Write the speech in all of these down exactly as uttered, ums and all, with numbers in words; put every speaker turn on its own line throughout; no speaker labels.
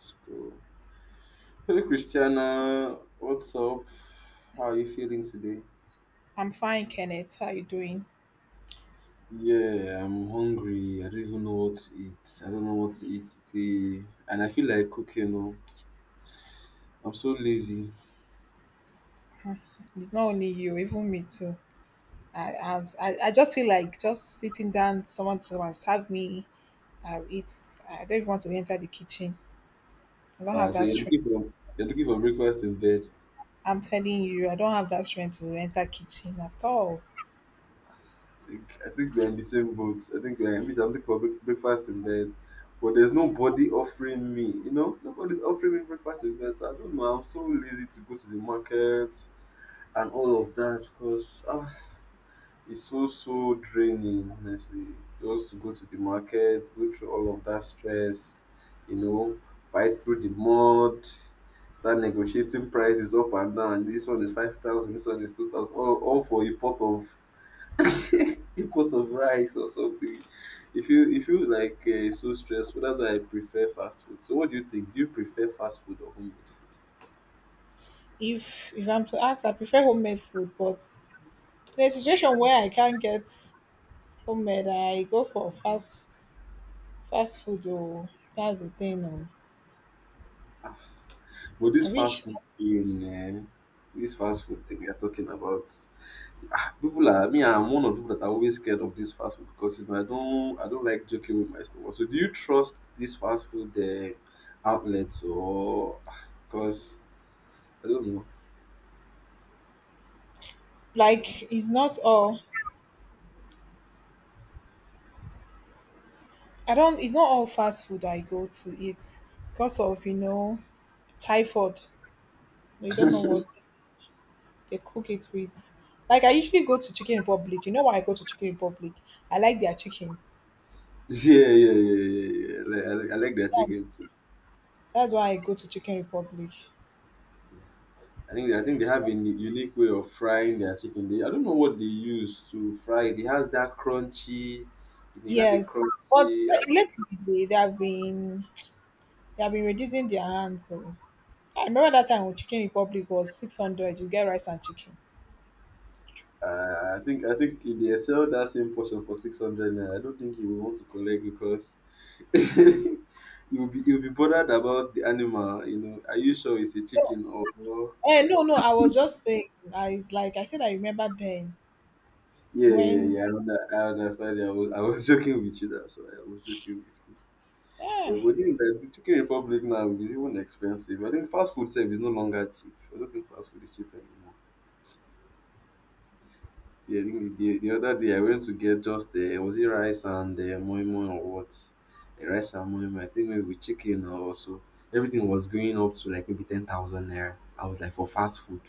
School. Hey Christiana, what's up? How are you feeling today?
I'm fine, Kenneth. How you doing?
Yeah, I'm hungry. I don't even know what to eat. I don't know what to eat today, and I feel like cooking. No, I'm so lazy.
It's not only you, even me too. I I, I I just feel like just sitting down, someone to come and serve me. I'll eat. I don't even want to enter the kitchen. I don't
Uh,
have
so
that
you're looking
strength.
for you're looking for breakfast in bed.
I'm telling you, I don't have that strength to enter kitchen at all.
Like, I think we're in the same boat. I think we're, I mean, I'm looking for break- breakfast in bed, but there's nobody offering me. You know, nobody's offering me breakfast in bed. So I don't know. I'm so lazy to go to the market and all of that because it's so, so draining, honestly. Just to go to the market, go through all of that stress, you know, fight through the mud, start negotiating prices up and down. This one is five thousand, this one is two thousand, all, all for a pot of a pot of rice or something. It, feel, it feels like uh, it's so stressful. That's why I prefer fast food. So, what do you think? Do you prefer fast food or homemade food?
If if I'm to ask, I prefer homemade food, but in a situation where I can't get homemade, I go for fast fast food. Oh, that's the thing. Oh,
But
I
this fast
wish,
food thing, eh, this fast food thing we are talking about. People are me. I'm one of the people that are always scared of this fast food because you know I don't I don't like joking with my stomach. So do you trust these fast food uh, outlets or because I don't know.
like, it's not all I don't. It's not all fast food I go to eat because of you know typhoid. You don't know what they cook it with. Like I usually go to Chicken Republic. You know why I go to Chicken Republic? I like their chicken.
Yeah, yeah, yeah, yeah. yeah. Like, I, like- I like their
That's
chicken too.
that's why I go to Chicken Republic.
I think I think they have a u- unique way of frying their chicken. They I don't know what they use to fry it. It has that crunchy. It has a
Yes, but
crunchy.
le- lately they, they have been they have been reducing their hands. So I remember that time when Chicken Republic was six hundred. You get rice and chicken.
Uh, I think I think if they sell that same portion for six hundred naira, I don't think you will want to collect because you'll be you'll be bothered about the animal. You know, are you sure it's a
No,
chicken or?
eh, no, no. I was just saying. I is like I said. I remember then
Yeah, yeah,
when.
yeah. I, under, I understand. I was, I was joking with you. That's why I was joking with you. Yeah,
Yeah,
within the the Chicken Republic now is even expensive. I think fast food service is no longer cheap. I don't think fast food is cheap anymore. Yeah, I think the, the, the other day I went to get just uh, was it rice and uh, moi moi or what? Uh, rice and moi moi. I think maybe with chicken or so. Everything was going up to like maybe ten thousand naira. I was like for fast food.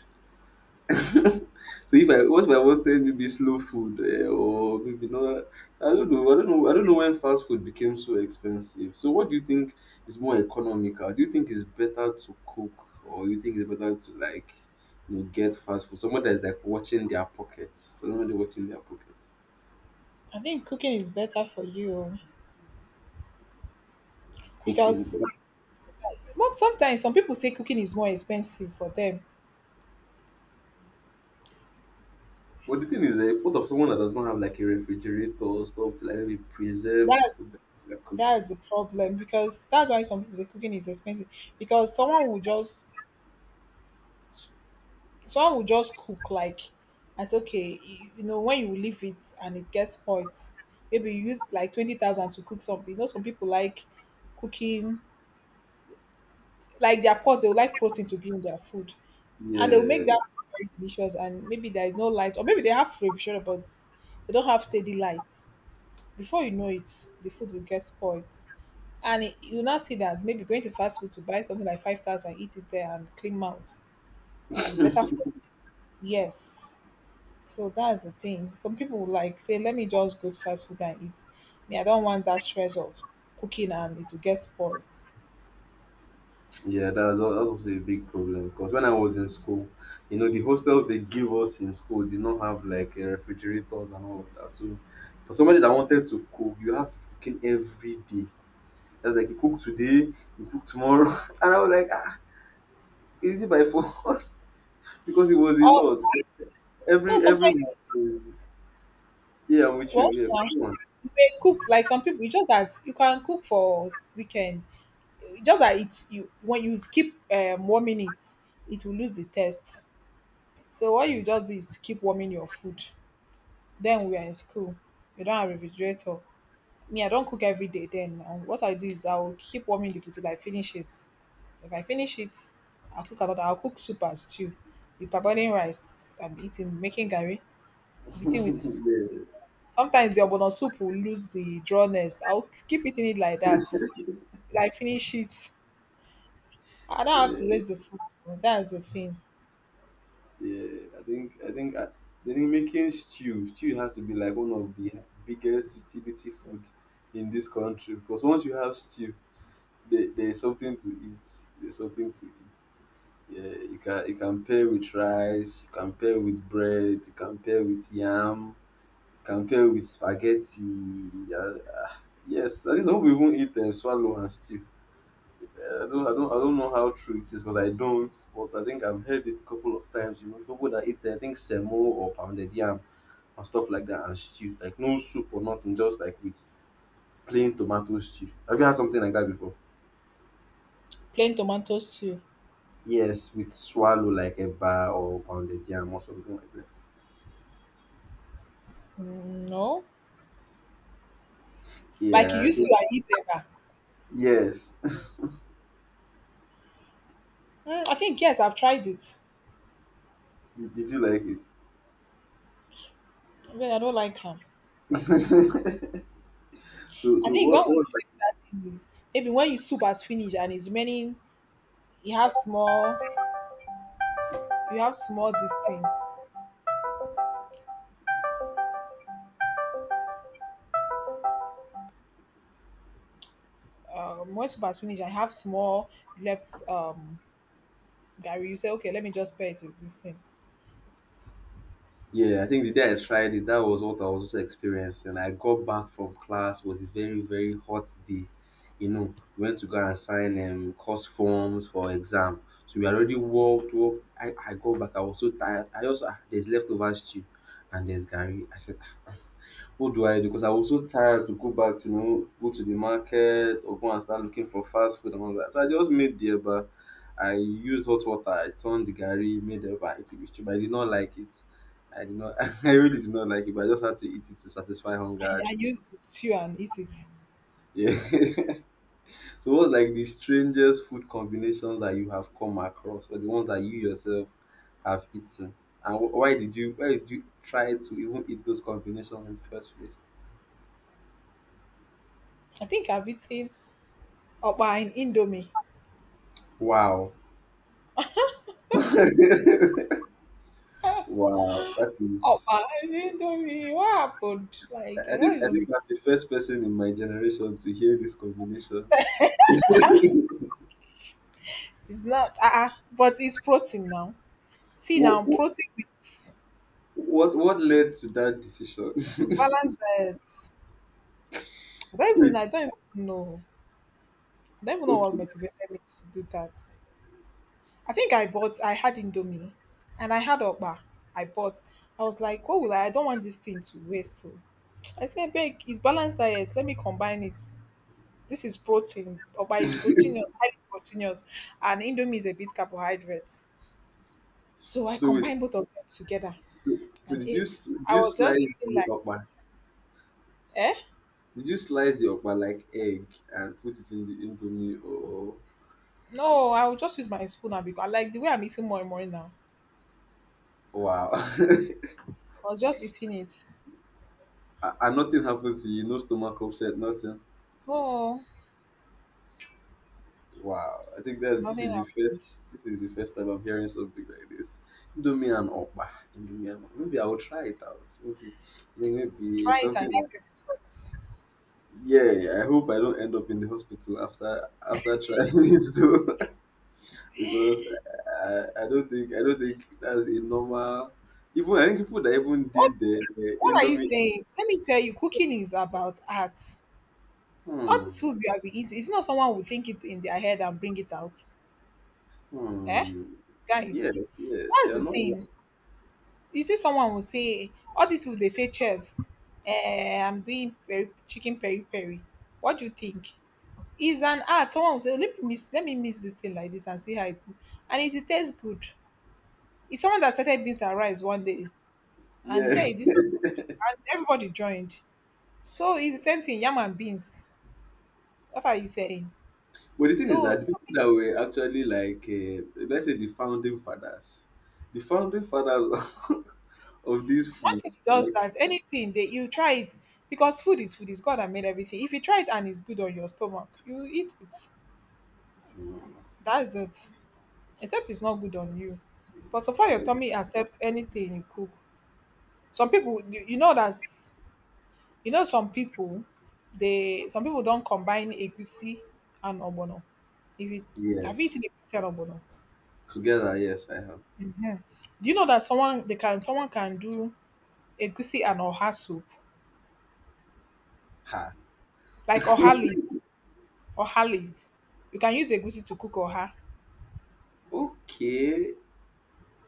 So if I what if I wanted maybe slow food um or maybe not I don't know I don't know I don't know when fast food became so expensive. So what do you think is more economical? Do you think it's better to cook or you think it's better to like you know get fast food? Someone that's like watching their pockets. Someone that's watching their pockets
I think cooking is better for you
cooking.
because
But
but sometimes some people say cooking is more expensive for them.
the thing is, eh? What of someone that does not have like a refrigerator or stuff to like maybe preserve the
That's
food that they're cooking?
that's the problem, because that's why some people say cooking is expensive, because someone will just someone will just cook, like, and say okay, you, you know, when you leave it and it gets spoiled, maybe you use like twenty thousand to cook something. You know, some people, like, cooking, like, their pot, they would like protein to be in their food, and they'll make
Yeah.
that very delicious, and maybe there is no light or maybe they have provision but they don't have steady light. Before you know it the food will get spoiled, and it- you now see that maybe going to fast food to buy something like five thousand, eat it there and clean mouth, it will be better for you. Yes, so that's the thing. Some people will like say, let me just go to fast food and eat. Me, I don't want that stress of cooking and it will get spoiled
Yeah, that's al- that's also a big problem because when I was in school, you know, the hostels they give us in school did not have like uh, refrigerators and all of that. So for somebody that wanted to cook, you have to cook in every day. That's like you cook today, you cook tomorrow, and I was like, ah, is it by force? because it was a
or
lot.
no,
Every every
sometimes,
month, uh, yeah, I'm with you.
well, yeah,
Yeah,
you may cook, like, some people, it's just that you can cook for s- weekend, just that it's, you, when you skip um, warming it, it will lose the taste. So what you
come
just do is to keep warming your food. Then we are in school. We don't have refrigerator. Me, I don't cook every day then. And what I do is I will keep warming the food till I finish it. If I finish it, I'll cook another. I'll cook soup and stew. Be parboiling rice I'm eating, making gari, be eating with
on.
this.
yeah,
Sometimes the obono soup will lose the drawness. I'll keep eating it like that till I finish it. I don't have to
yeah.
waste the food. That's the thing.
Yeah, I think I think I, I think making stew stew has to be like one of the biggest utility food in this country because once you have stew, there, there is something to eat. There's something to eat. Yeah, you can you can pair with rice, you can pair with bread, you can pair with yam, you can pair with spaghetti. Yeah, ah, yes, I think some people even eat um, swallow and stew. I don't, I don't, I don't know how true it is because I don't, but I think I've heard it a couple of times. You know, people that eat, I think, semo or pounded yam and stuff like that and stew, like no soup or nothing, just like with plain tomato stew. Have you had something like that before?
Plain tomato stew.
Yes, with swallow like a bar or pounded yam or something like that.
Mm, no. Like you
Yeah, I
used
think,
to and eat ever.
yes.
Mm, I think yes, I've tried it.
Did did you like it?
But I don't like ham.
so,
I
so
think
what?
one we
What
should do that thing is maybe when you soup has finished and it's remaining, you have small you have small this thing. Um when soup has finished, I have small left, um Gary, you say, okay, let me just pair it with this thing.
Yeah, I think the day I tried it, that was what I was also experiencing. I got back from class, was a very, very hot day. You know, went to go and sign um, course forms for exam. So we already walked, walked. I, I got back, I was so tired. I also, ah, there's leftover stew and there's Gary. I said, what do I do? Because I was so tired to go back, you know, go to the market or go and start looking for fast food and all that. So I just made the eba. I used hot water. I turned the gari, made the eba. I ate it was but I did not like it. I did not. I really did not like it. But I just had to eat it to satisfy
I,
hunger at
I
the moment.
used to stew and eat it.
Yeah. So what's like the strangest food combinations that you have come across, or the ones that you yourself have eaten, and wh- why did you why did you try to even eat those combinations in the first place?
I think I've eaten Opa in Indomie.
Wow. Wow, that is.
Opa in Indomie, what happened?
I
Like,
I
I don't
think I think
even.
I'm the first person in my generation to hear this combination.
It's not, uh-uh, but it's protein now. See now,
what,
protein with,
what what led to that decision?
it's balanced diet. I don't
wait,
even I don't even know. I don't even know what
okay,
motivated me to do that. I think I bought I had Indomie and I had Okpa. I bought. I was like, what will I I don't want this thing to waste. So I said, beg, it's balanced diet. Let me combine it. This is protein. Okpa is proteinous, highly proteinous, and Indomie is a bit carbohydrate. So I
so wait,
combined both of them together
so, so
and
did you
ate.
s- did
I
you
was
slice
just feeling
the
like,
okpa?
eh?
Did you slice the okpa like egg and put it in the indomie? Or
No, I will just use my spoon and, because, like, the way I'm eating more and more now.
wow, and
I was just eating it.
and nothing happens to you, no stomach upset, nothing.
No,
Wow, I think that this
nothing
is the first
happened.
this is the first time I'm hearing something like this. Indomie and Opa, Indomie and oppa. Maybe I will try it out. Maybe maybe maybe
Try it
something.
and give me
That-
results.
Yeah, yeah, I hope I don't end up in the hospital after after trying it too, because I, I don't think I don't think that's a normal. Even I think people that even
What
did the, the
what are you
Indomie.
saying? Let me tell you, cooking is about art. All
Hmm.
this food we have been eating, it's not, someone will think it's in their head and bring it out. Eh?
Hmm.
Guys,
Yes. Yes.
that's
You're
the
not.
thing. You see, someone will say all these food they say chefs. Eh, I'm doing peri- chicken peri peri. What do you think? Is an art. Someone will say, "Oh, let me mix, let me mix this thing like this and see how it is, and it will taste good." It's someone that started beans and rice one day, and he said,
Yeah.
"Hey, this is good." And everybody joined. So it's the same thing, yam and beans. What are you saying?
But the thing is that
So
the people that were actually like, uh, let's say the founding fathers, the founding fathers of this
one
food,
thing is just
like,
that anything that you try it, because food is food, is God that made everything. If you try it and it's good on your stomach, you eat it.
mm,
That's it. Except it's not good on you. But so far your
yeah,
tummy accepts anything you cook. Some people, you, you know, that's. You know, some people, they some people don't combine egusi and ogbono. If you Have you
yes,
eaten egusi and ogbono?
together, yes, I have.
Do you know that someone they can someone can do egusi and oha soup,
Ha.
like oha leaf, oha leaf. You can use egusi to cook oha.
Okay.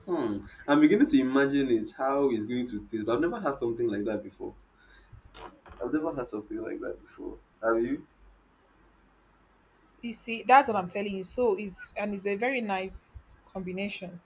Hmm. I'm beginning to imagine it how it's going to taste, but I've never had something like that before. I've never had something like that before. Have you?
You see, that's what I'm telling you. So it's And it's a very nice combination.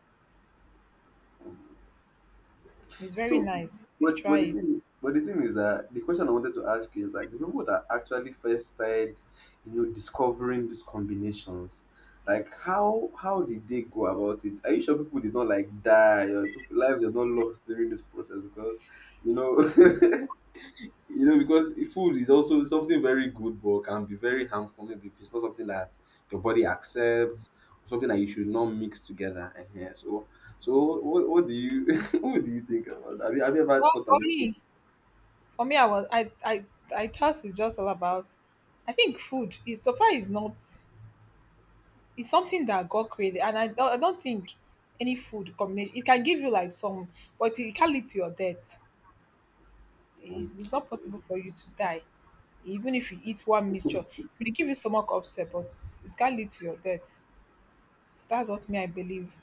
It's very
So,
nice if you
but,
try
but the
it.
thing, but the thing is that the question I wanted to ask you is like the people that actually first started, you know, discovering these combinations, like how how did they go about it? Are you sure people did not like die or people lives are not lost during this process because, you know. You know, because food is also something very good, but can be very harmful maybe if it's not something that your body accepts, something that you should not mix together. Yeah, So, so what, what do you what do you think about that? Have you, have you ever
Well,
thought
for
about it?
me, for me, I was I I I thought it's just all about. I think food is, so far is not, it's something that God created, and I don't, I don't think any food combination it can give you like some, but it can lead to your death. It's, it's not
Okay.
possible for you to die, even if you eat one mixture. It may give you stomach upset, but it can lead to your death. That's what me I believe.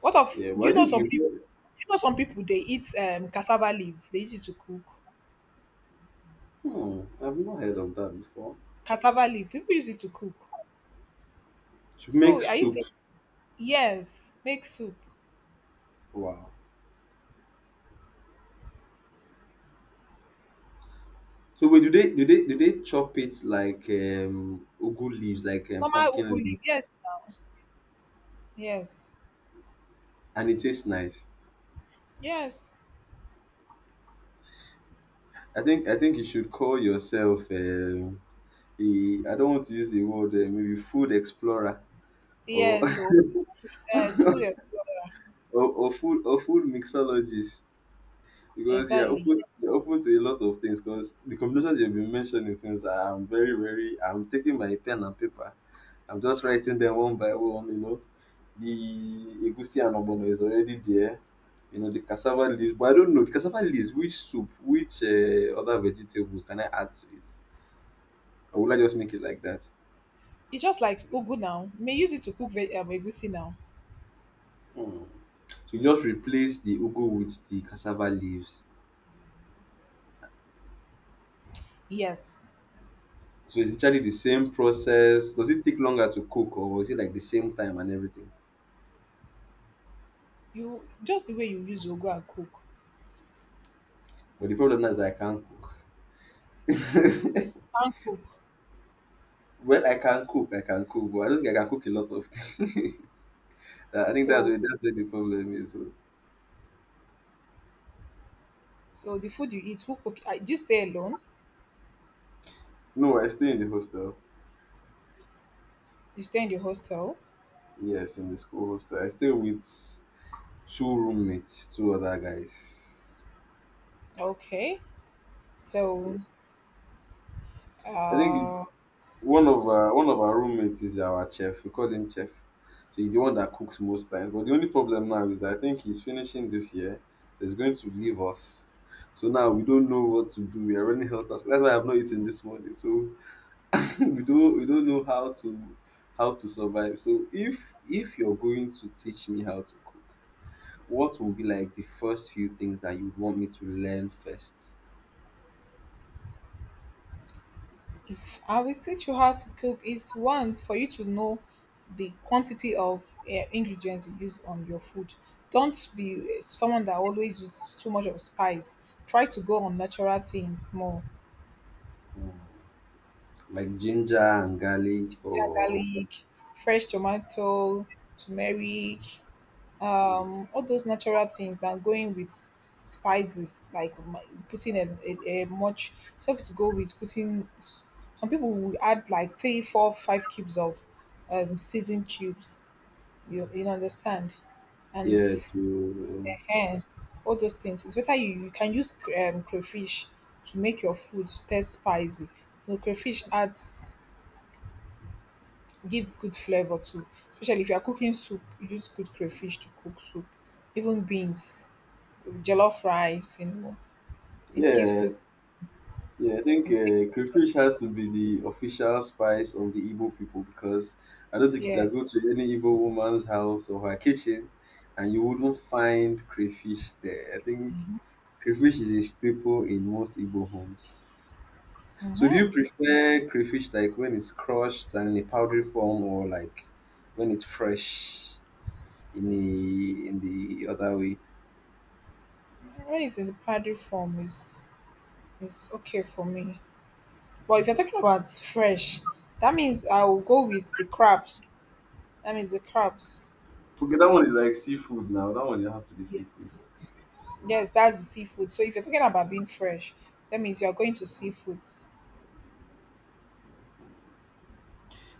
What of?
Yeah,
Do
but
you
I
know
think
some people?
you.
You know, some people, they eat um cassava leaf. They use it to cook
Hmm, I've not heard of that before.
cassava leaf. People use it to cook.
To make
So are you
soup.
saying yes? Make soup.
Wow. So wait, do they do they do they chop it like um ugu leaves, like um,
Normal
pumpkin
ugu
leaves,
leaf. Yes. Yes.
and it tastes nice?
Yes.
I think I think you should call yourself um I I don't want to use the word um, maybe food explorer or
Yes, so yes, food explorer.
or, or food or food mixologist because you're
Exactly.
open you're open to a lot of things because the combinations you've been mentioning since ah, I'm very very I'm taking my pen and paper I'm just writing them one by one you know the egusi and ogbono is already there you know the cassava leaves but I don't know the cassava leaves which soup which uh, other vegetables can I add to it or will I just make it like that.
It's just like ugu now. You may use it to cook veg um, egusi now.
Hmm. So you just replace the ugu with the cassava leaves.
Yes.
So it's literally the same process. Does it take longer to cook or is it like the same time and everything?
You just the way you use ugu and cook
But the problem now is that I can't cook.
and cook.
Well, I can cook, I can cook, but I don't think I can cook a lot of things. I think that's
So
where that's where the problem is. So.
so the food you eat, who cook? uh, Do you stay alone?
No, I stay in the hostel.
You stay in the hostel?
Yes, in the school hostel. I stay with two roommates, two other guys.
Okay. So
I think
uh
One of our one of our roommates is our chef. We call him chef. So he's the one that cooks most times. But the only problem now is that I think he's finishing this year, so he's going to leave us. So now we don't know what to do. We are running health task. That's why I've not eaten this morning. So we don't we don't know how to how to survive. So if if you're going to teach me how to cook, what will be like the first few things that you'd want me to learn first?
if I will teach you how to cook is one, for you to know the quantity of eh, ingredients you use on your food. Don't be someone that always use too much of spice. Try to go on natural things more.
Hmm. Like ginger and garlic
Ginger,
or
garlic, fresh tomato, turmeric.
Hmm.
Um, all those natural things than going with spices, like my- putting a, a, a much stuff to go with putting, some people will add like three four five cubes of um seasoned cubes, you, you understand, and
yeah to
eh, all those things. It's better you, you can use cr- um, crayfish to make your food taste spicy. You know, crayfish adds gives good flavor too, especially if you are cooking soup. Use good crayfish to cook soup, even beans, jollof rice, you know, it gives
Yeah,
it,
yeah, I think
it makes
uh,
it
crayfish
taste
has
good.
to be the official spice of the Igbo people because I don't think you can go to
Yes,
any Igbo woman's house or her kitchen and you wouldn't find crayfish there. I think crayfish is a staple in most Igbo homes. So, do you prefer crayfish like when it's crushed and in a powdery form, or like when it's fresh in the in the other way?
when it's in the powdery form, it's it's okay for me. But if you're talking about fresh, that means I will go with the crabs. That means the crabs.
Okay, that one is like seafood now. That one it has to be seafood.
Yes, yes, that's the seafood. So if you're talking about being fresh, that means you're going to seafoods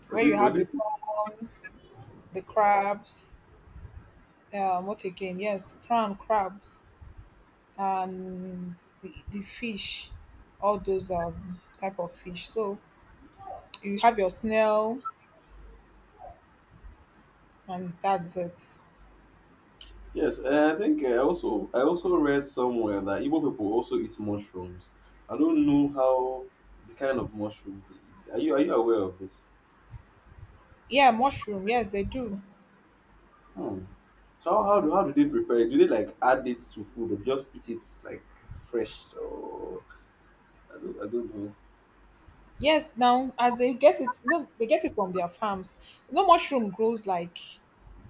But
where
this,
you
but
have
this
the prawns, the crabs. Um, what again? Yes, prawn, crabs, and the, the fish, all those um, type of fish. So you have your snail, and that's it.
yes, and I think I also I also read somewhere that Igbo people also eat mushrooms. I don't know how the kind of mushroom they eat. Are you are you aware of this?
Yeah, mushroom. Yes, they do.
Hmm. So how, how do how do they prepare it? Do they like add it to food or just eat it like fresh or I don't I don't know.
Yes, now as they get it, no, they get it from their farms. No, mushroom grows like,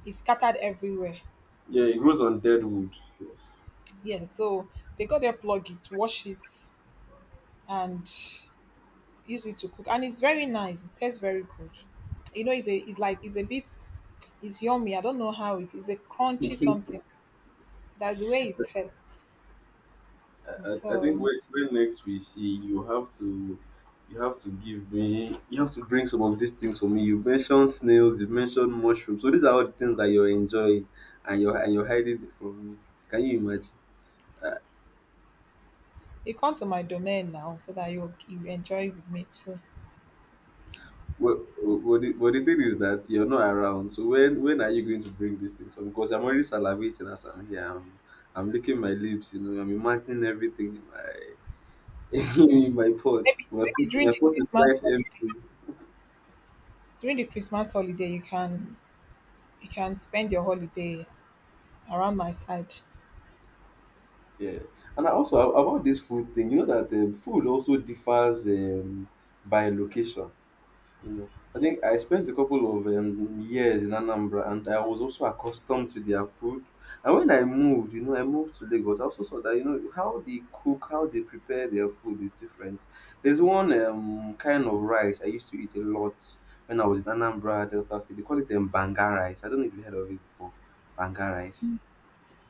it's scattered everywhere.
Yeah, it grows on dead wood. Yes.
Yeah, so they got there, plug it, wash it, and use it to cook, and it's very nice. It tastes very good. You know, it's a, it's like it's a bit, it's yummy. I don't know how it is. A crunchy something. That's the way it is.
I, I I think
So
when, when next we see, you have to you have to give me you have to bring some of these things for me. You mentioned snails, you mentioned mushrooms. So these are all the things that you're enjoying and you're and you're hiding it from me. Can you imagine? Uh,
you come to my domain now so that you you enjoy with me too.
well, well, well, the, well, the thing is that you're not around. So when when are you going to bring these things for me? Because I'm already salivating as I'm here. I'm I'm licking my lips. You know, I'm imagining everything in my in my
Maybe
pots. My
maybe
pot,
during
my
the
pot is
Christmas
quite
holiday,
empty.
during the Christmas holiday you can you can spend your holiday around my side.
Yeah, and I also a- about this food thing, you know that um, food also differs um, by location. You know, I think I spent a couple of um, years in Anambra, and I was also accustomed to their food. And when I moved, you know, I moved to Lagos. I also saw that you know how they cook, how they prepare their food is different. There's one um, kind of rice I used to eat a lot when I was in Anambra Delta State. They call it um, banga rice. I don't know if you heard of it before. Banga rice.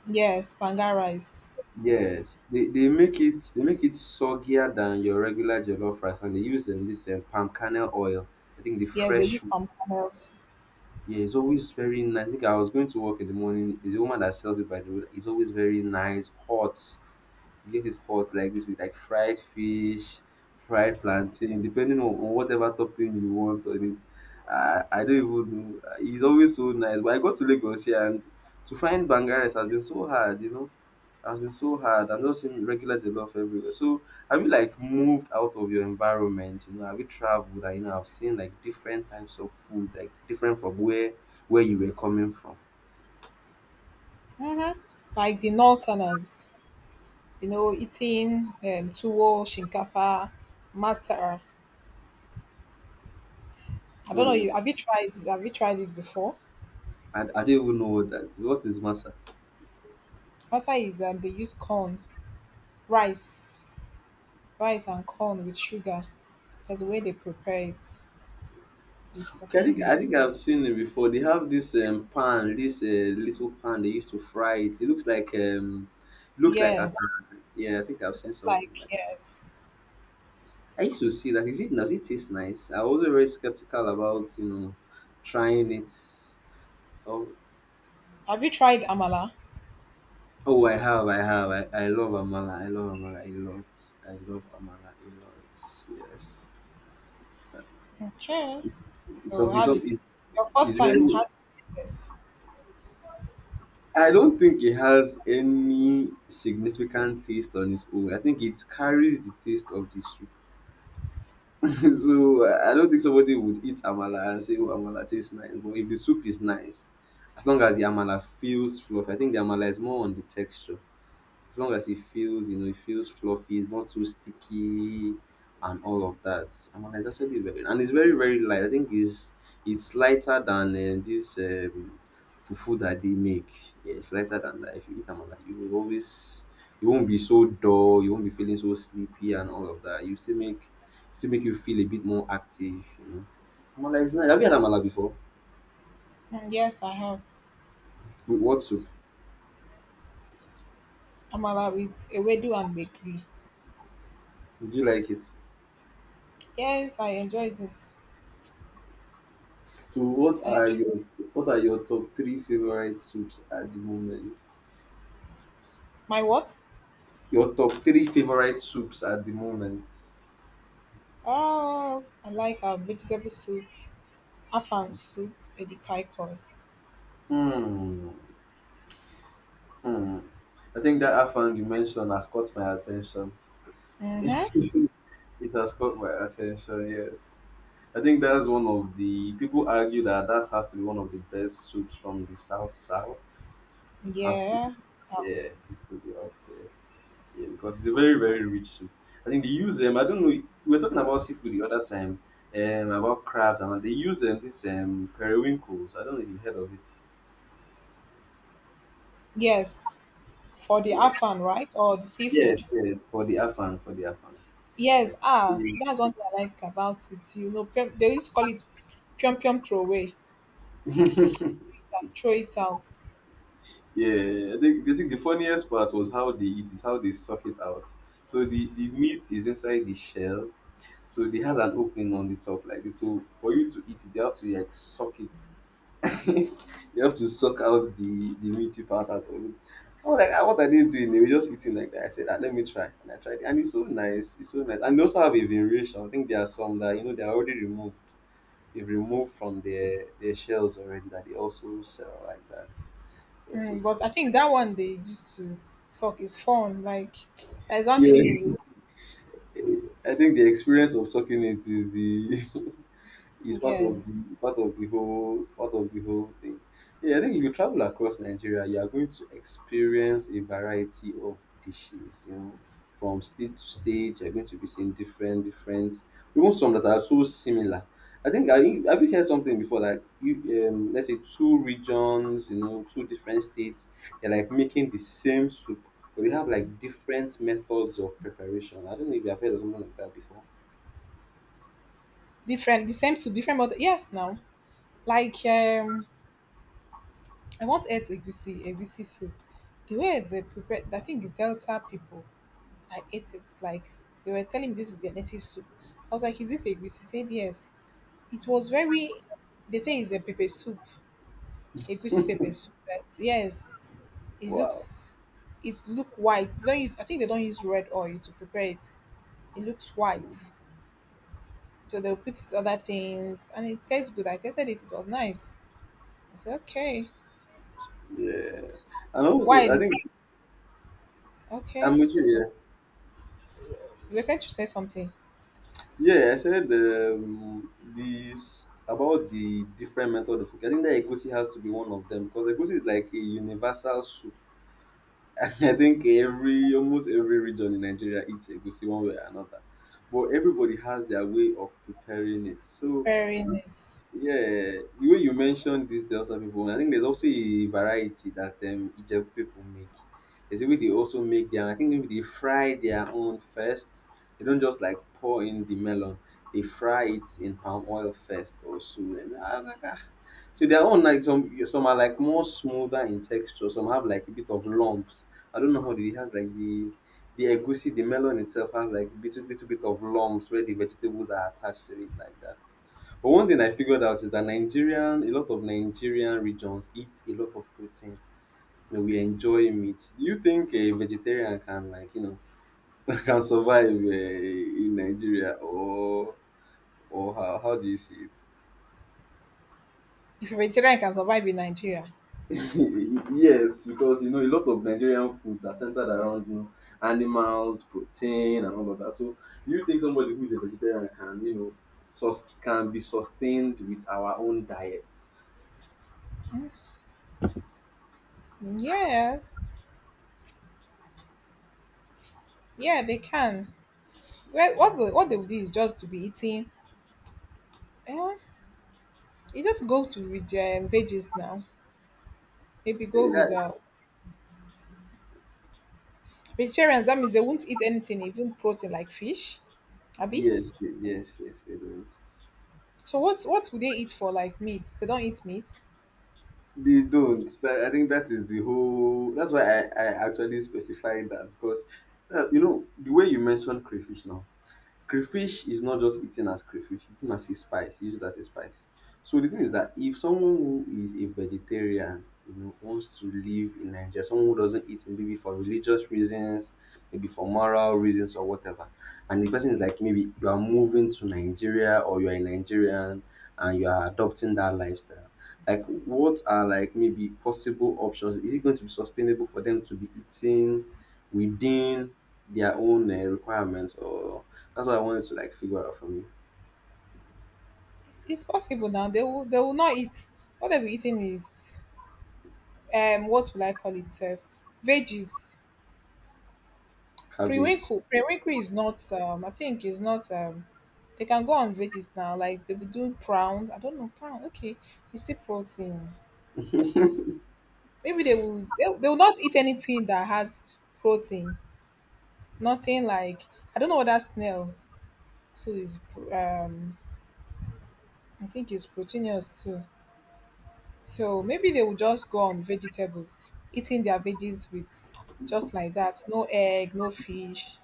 Yes, panga rice.
Yes, they they make it they make it soggier than your regular jollof rice and they use um, this um, palm kernel oil. I think the
Yes, they
fresh
use
one.
palm kernel.
Yeah, it's always very nice. I think I was going to work in the morning. There's a woman that sells it by the road. It's always very nice, hot. You get it hot like this with like fried fish, fried plantain, depending on, on whatever topping you want on it. I, I don't even know. It's always so nice. But I got to Lagos here and to find banga rice has been so hard, you know, has been so hard. I'm just seeing regulars a lot everywhere. So have you like moved out of your environment? You know, have you traveled and you know I have seen like different types of food, like different from where where you were coming from?
Like the Northerners, you know, eating um, tuwo, shinkafa, masara. I don't know.
Mm,
You have you tried? Have you tried it before?
I, I don't even know what that is. What is masa?
Masara is um, they use corn, rice, rice and corn with sugar. There's a way they prepare it with
Okay, I
certain
think I
leaf.
think I've seen it before. They have this um, pan, this uh, little pan they used to fry it. It looks like um, it looks like a
Yes,
yeah. I think I've seen
it's like
something like.
yes.
I used to see that. Is it does it taste nice? I was very skeptical about you know trying it. Oh,
Have you tried amala?
oh, I have, I have. I, I love amala. I love amala a lot. I love amala a lot. Yes,
Okay.
it's
So
something.
how did
Something it,
your first
it's
time?
very.
How did it taste?
I don't think it has any significant taste on its own. I think it carries the taste of the soup. so I I don't think somebody would eat amala and say, "Oh, amala tastes nice." But if the soup is nice, as long as the amala feels fluffy, I think the amala is more on the texture as long as it feels, you know, it feels fluffy, it's not too sticky and all of that. I'm like, it's actually very and it's very, very light. I think it's it's lighter than um, this um fufu that they make. Yeah, it's lighter than that. If you eat amala, you will always you won't be so dull, you won't be feeling so sleepy and all of that. You still make still make you feel a bit more active, you know. Amala is nice. Have you had amala before?
Mm, yes, I have
With what soup?
amala with ewedu and bakery.
Did you like it?
Yes, I enjoyed it.
So what
I
are
enjoyed
your what are your top three favorite soups at the moment?
my what?
Your top three favorite soups at the moment.
Oh, I like our vegetable soup, afan soup, edikai koi.
Hmm. Hmm. I think that afang you mentioned has caught my attention.
Mm-hmm.
It has caught my attention. Yes. I think that's one of the people argue that that has to be one of the best soups from the south south. Has to be
Yeah. Uh,
yeah, has to be up there. Yeah, because it's a very, very rich soup. I think they use um, I don't know. We were talking about seafood the other time, um, about crabs and all. They use um, this um periwinkles. I don't know if you've heard of it.
yes, for the
Yeah,
afan, right? Or the seafood.
yes, yes, for the afan, for the afan. Yes.
Yes, ah, that's one thing I like about it. You know, pyum- they used to call it pyum pyum throwaway, throw it out.
Yeah, I think I think the funniest part was how they eat it, how they suck it out. So the the meat is inside the shell, so it has an opening on the top like this. So for you to eat it, you have to like suck it you have to suck out the the meaty part out of it. I was like, ah, what are they doing? They were just eating like that. I said, ah, let me try. And I tried it. And it's so nice. It's so nice. And they also have a variation. I think there are some that, you know, they're already removed. They've removed from their, their shells already that they also sell like that. They also
Mm,
sell.
but I think that one they used to suck is fun. Like there's one feeling
Yeah.
you,
I think the experience of sucking it is the It's part of the part
yes,
of the whole part of the whole thing. Yeah, I think if you travel across Nigeria, you are going to experience a variety of dishes. You know, from state to state, you're going to be seeing different, different, even some that are so similar. I think I have you heard something before like you um let's say two regions, you know, two different states, they're like making the same soup, but they have like different methods of preparation. I don't know if you have heard of something like that before.
different, the same soup, different, but yes, now like um, I once ate egusi, egusi soup. The way they prepared, I think the Delta people, I ate it like they were telling me this is their native soup. I was like, is this egusi? She said yes. It was very they say it's a pepper soup, a egusi pepper soup that yes, it
Wow.
looks it's look white. They don't use I think they don't use red oil to prepare it. It looks white. So they'll put these other things and it tastes good. I tasted it, it was nice. I said, okay.
Yeah. And also, I
Why?
think
Okay.
I'm with you
So
here.
you were trying to say something.
Yeah, I said um, this about the different method of cooking. I think that egusi has to be one of them because egusi is like a universal soup. I think every almost every region in Nigeria eats egusi one way or another, but everybody has their way of preparing it. So
Preparing it.
yeah, the way you mentioned these Delta people, I think there's also a variety that um, Ijebu people make. There's a way they also make their, I think maybe they fry their own first. They don't just like pour in the melon. They fry it in palm oil first also. And I was like, ah. So their own like some some are like more smoother in texture. Some have like a bit of lumps. I don't know how they have like the the egusi, the melon itself has like a little little bit of lumps where the vegetables are attached to it like that. But one thing I figured out is that Nigerian, a lot of Nigerian regions eat a lot of protein. You know, we enjoy meat. Do you think a vegetarian can like you know can survive uh, in Nigeria or or how, how do you see
If a vegetarian can survive in Nigeria.
it? yes, because you know a lot of Nigerian foods are centered around you know, animals, protein, and all of that. So do you think somebody who is a vegetarian can you know sus- can be sustained with our own diets?
Yes. Yeah, they can. Well, what they, what they would do is just to be eating. Eh, you just go to with um, veggies now. Maybe go
Yeah,
with uh, vegetarians. That means they won't eat anything, even protein like fish. Abi.
yes, they- yes, yes, they don't.
So what's what would they eat for like meat? They don't eat meat.
They don't. That- I think that is the whole. That's why I, I actually specified that because, uh, you know, the way you mentioned crayfish now, crayfish is not just eaten as crayfish, eaten as a spice, used as a spice. So the thing is that if someone who is a vegetarian, you know, wants to live in Nigeria, someone who doesn't eat maybe for religious reasons, maybe for moral reasons or whatever, and the person is like maybe you are moving to Nigeria or you are a Nigerian and you are adopting that lifestyle. Like what are like maybe possible options? Is it going to be sustainable for them to be eating within their own uh, requirements or that's what I wanted to like figure out from you.
It's, it's possible now. They will they will not eat. What they'll be eating is um what will I call it? Uh, veggies.
Cabbage.
Prewinkle. Prewinkle is not um I think is not um they can go on veggies now. Like they will do prawns. I don't know prawn. Okay, you see protein. Maybe they will they, they will not eat anything that has protein. Nothing like I don't know what that snail too is pro- um I think it's proteinous too. So maybe they will just go on vegetables, eating their veggies with just like that. No egg, no fish,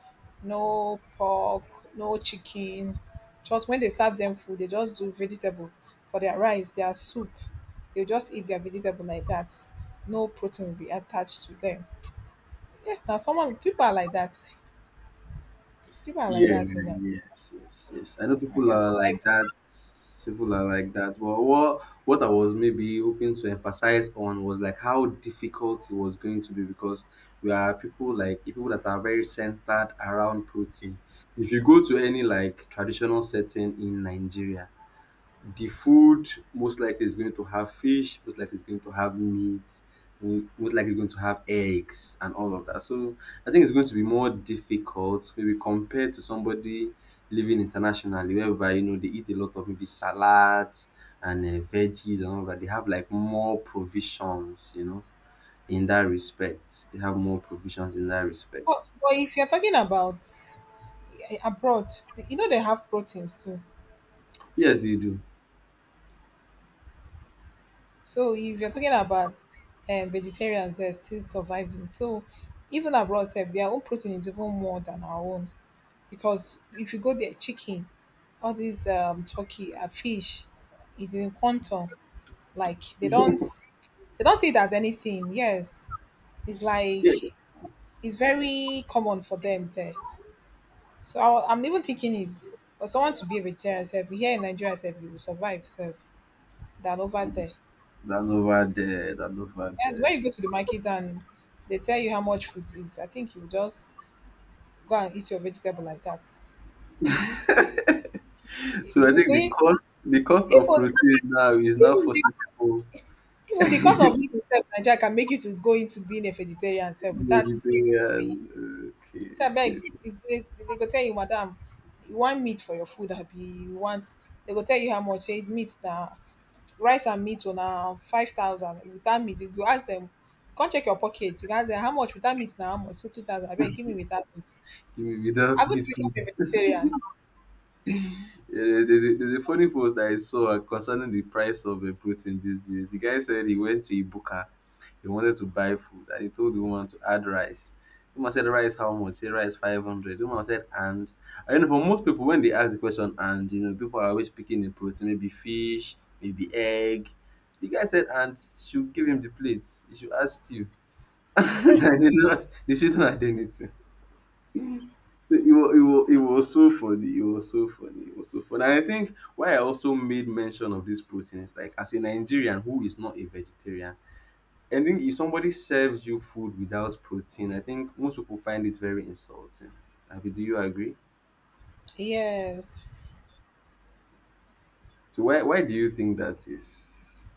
no pork, no chicken. Just when they serve them food, they just do vegetable for their rice, their soup. They'll just eat their vegetable like that. No protein will be attached to them. Yes, now someone people are like that. People are like
Yeah,
that in Nigeria.
yes, yes, yes, I know people
They are
are like
surviving.
that. People are like that. But what what I was maybe hoping to emphasize on was like how difficult it was going to be because we are people like people that are very centered around protein. If you go to any like traditional setting in Nigeria, the food most likely is going to have fish, most likely is going to have meat, mo- most likely is going to have eggs and all of that. So I think it's going to be more difficult, maybe compared to somebody living internationally, whereby you know they eat a lot of maybe salads and uh, veggies and all that. They have like more provisions, you know, in that respect. They have more provisions in that respect.
But, but if you're talking about eh, abroad, they- you know they have proteins too.
Yes, they do.
So if you're talking about um, vegetarians, they're still surviving. So even abroad, sef, their own protein is even more than our own because if you go there, chicken, all these um, turkey, and fish, it's in quantum. Like they don't, they don't see it as anything. Yes, it's like
Yeah,
it's very common for them there. So I, I'm even thinking is for someone to be a vegetarian self here in Nigeria self you will survive self than over there.
that's over there.
Because
That's over
yes, when
there.
you go to the market and they tell you how much food is, I think you just go and eat your vegetable like that.
So I think the
even
cost the cost of
even
protein now is now for
the
some people
even the cost of living itself in Nigeria can make you to go into being a vegetarian self without
vegetarian.
being
Okay,
say
okay.
beg is is they go tell you madam you want meat for your food abi you want they go tell you how much say meat na rice and meat oh na five thousand without meat you go ask dem come check your pocket you go ask dem how much without meat na how much say two thousand abeg give me without meat
Give me without
happen to
meat,
become a
please.
vegetarian
Yeah, there's a, there's a funny post that I saw concerning the price of uh, protein these days. The guy said he went to Ibuka, he wanted to buy food, and he told the woman to add rice. The woman said, "Rice how much?" Say, "Rice five hundred." The woman said, "And," and you know, for most people, when they ask the question, "And," you know, people are always picking the protein, maybe fish, maybe egg. The guy said, "And," should give him the plates. He should ask you. they did not. They shouldn't add anything. It was it was it was so funny. It was so funny. It was so funny. And I think why I also made mention of this protein is like as a Nigerian who is not a vegetarian, I think if somebody serves you food without protein, I think most people find it very insulting. Abi, do you agree?
yes
So why why do you think that is?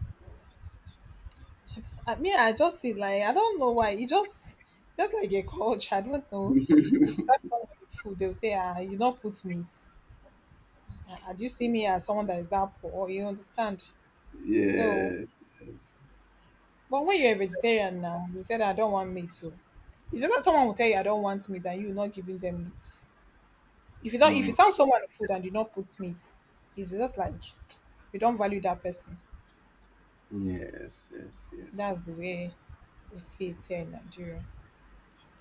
I mean I just see like I don't know why it just e just like a culture I don't know if
yes,
you serve somebody food they will say ah you not put meat ah ah, do you see me as someone that is that poor you understand. So,
yes.
but when you're a vegetarian now, you tell them I don't want meat. Oh. It's better someone will tell you I don't want meat than you not giving them meat. If you don't, if you
Hmm.
sell someone food and you not put meat, it's just like you don't value that person.
Yes, yes, yes.
That's the way we see it here in Nigeria.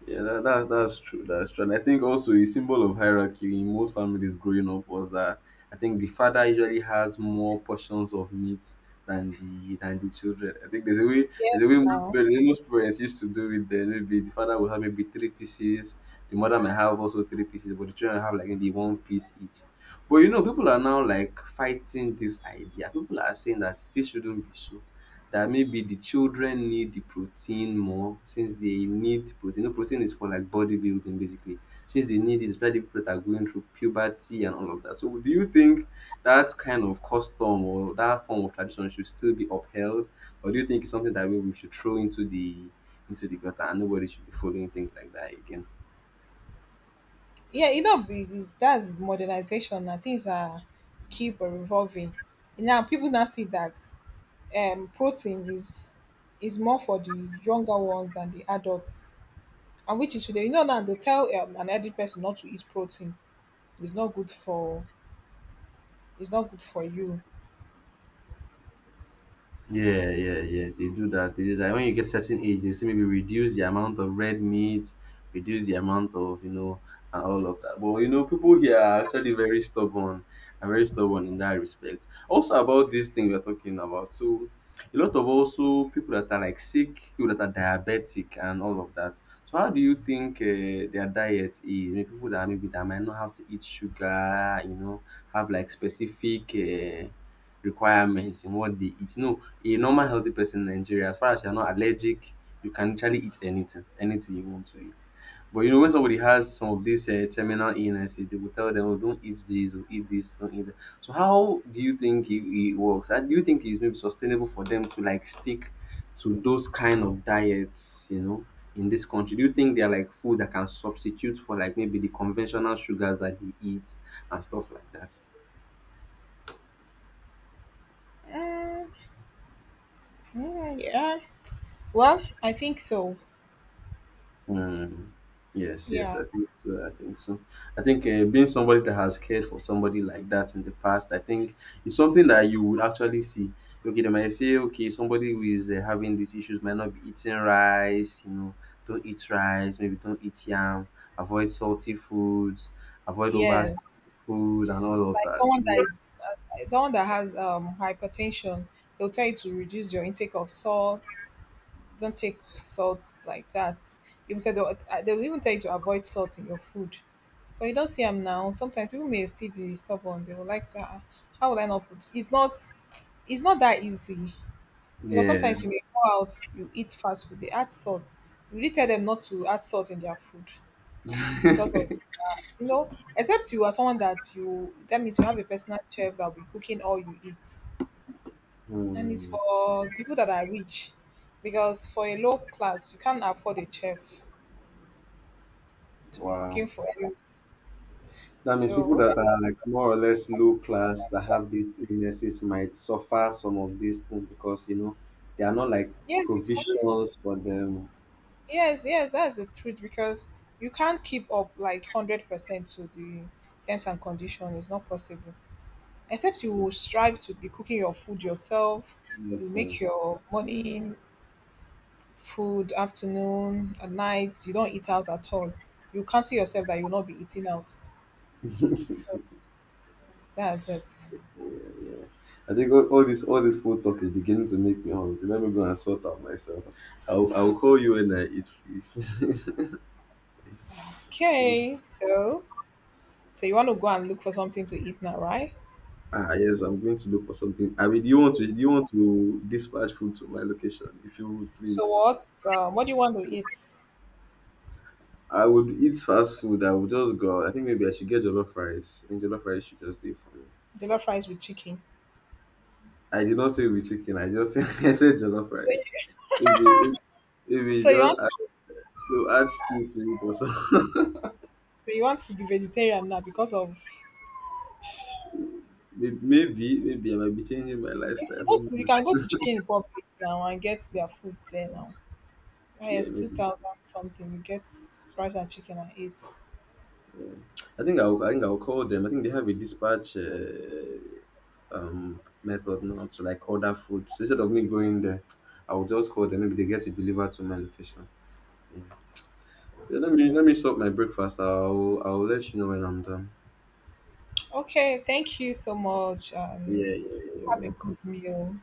Yeah, that, that's that's true. That's true. And I think also a symbol of hierarchy in most families growing up was that I think the father usually has more portions of meat than the than the children. I think there's a way there's
Yes,
a way most
now.
parents, most parents used to do it then maybe the father will have maybe three pieces, the mother may have also three pieces, but the children have like maybe one piece each. But you know, people are now like fighting this idea. People are saying that this shouldn't be so that maybe the children need the protein more since they need protein. You protein is for like bodybuilding basically. Since they need it, especially people that are going through puberty and all of that. So do you think that kind of custom or that form of tradition should still be upheld? Or do you think it's something that we we should throw into the into the gutter and nobody should be following things like that again?
Yeah, you know, be- is- that's modernization. Now things are keep revolving. Now people now see that um, protein is is more for the younger ones than the adults. And which is today. You know now they tell um, an elderly person not to eat protein. It's not good for it's not good for you.
Yeah, yeah, yes, they do that. They do that. When you get certain age, they say maybe reduce the amount of red meat, reduce the amount of you know, and all of that. But you know, people here are actually very stubborn and very stubborn in that respect. Also about this thing we are talking about. So a lot of also people that are like sick, people that are diabetic and all of that. So how do you think uh, their diet is? Maybe people that maybe that might not have to eat sugar, you know, have like specific uh, requirements in what they eat. You know, a normal healthy person in Nigeria, as far as you're not allergic, you can literally eat anything, anything you want to eat. But you know, when somebody has some of these uh, terminal illnesses, they will tell them, oh, don't eat this, or eat this, don't eat that. So, how do you think it, it works? And do you think it's maybe sustainable for them to like stick to those kind of diets, you know, in this country? Do you think they're like food that can substitute for like maybe the conventional sugars that they eat and stuff like that?
Mm, mm, yeah. Well, I think so.
Mm. Yes, yes,
Yeah.
I think so. I think so. I think uh, being somebody that has cared for somebody like that in the past, I think it's something that you would actually see. Okay, they might say, okay, somebody who is uh, having these issues might not be eating rice, you know, don't eat rice, maybe don't eat yam, avoid salty foods, avoid over
Yes.
food, and all of
Like
that.
someone that
So,
is uh, someone that has um hypertension, they'll tell you to reduce your intake of salts. Don't take salt like that. Even said they'll, uh, they'll even tell you to avoid salt in your food. But you don't see them now sometimes people may still be stubborn they will like to ah how will I not put it's not it's not that easy because
yeah.
sometimes you may go out you eat fast food they add salt you really tell them not to add salt in their food because of you know except you are someone that you that means you have a personal chef that will be cooking all you eat and it's
Mm.
for people that are rich because for a low class you can't afford a chef to be
Wow.
cooking for you
That means people
so
that are like more or less low class that have these illnesses might suffer some of these things because you know they are not like
yes because
provisions for them.
yes, yes, that's the truth because you can't keep up like one hundred percent to the terms and conditions. It's not possible. Except you will strive to be cooking your food yourself. You
Yes, uh,
make your morning food, afternoon, at night. You don't eat out at all. You can't see yourself that you'll not be eating out.
yeah.
So that's it.
Yeah. I think all, all this all this food talk is beginning to make me hungry. Let me go and sort out myself. I'll, I'll call you when I eat, please.
Okay, so so you want to go and look for something to eat now, right?
ah yes, I'm going to look for something. I mean, do you want
So,
to do you want to dispatch food to my location? If you would,
so
please.
what? Uh, what do you want to eat?
I would eat fast food. I would just go out. I think maybe I should get jollof rice. I think jollof rice should just do it for me.
Jollof rice with chicken.
I did not say with chicken. I just said, I said jollof
So you,
rice. Maybe maybe you
so you
just
want
add,
to?
they'll add stew to it or something.
So you want to be vegetarian now because of
May- maybe maybe I might be changing my
you
lifestyle.
can go
Who
to you
knows?
can go to Chicken Republic now and get their food there now. Ah,
yeah,
yes, two
maybe.
thousand something. You get rice and chicken and eat.
Yeah. I think I'll I think I'll call them. I think they have a dispatch uh, um method now to like order food. So instead of me going there, I'll just call them. Maybe they get it delivered to my location. Yeah. Yeah, let me let me sort my breakfast. I'll I'll let you know when I'm done.
Okay, thank you so much. Um,
Yeah, yeah, yeah. You're
have a
welcome.
good meal.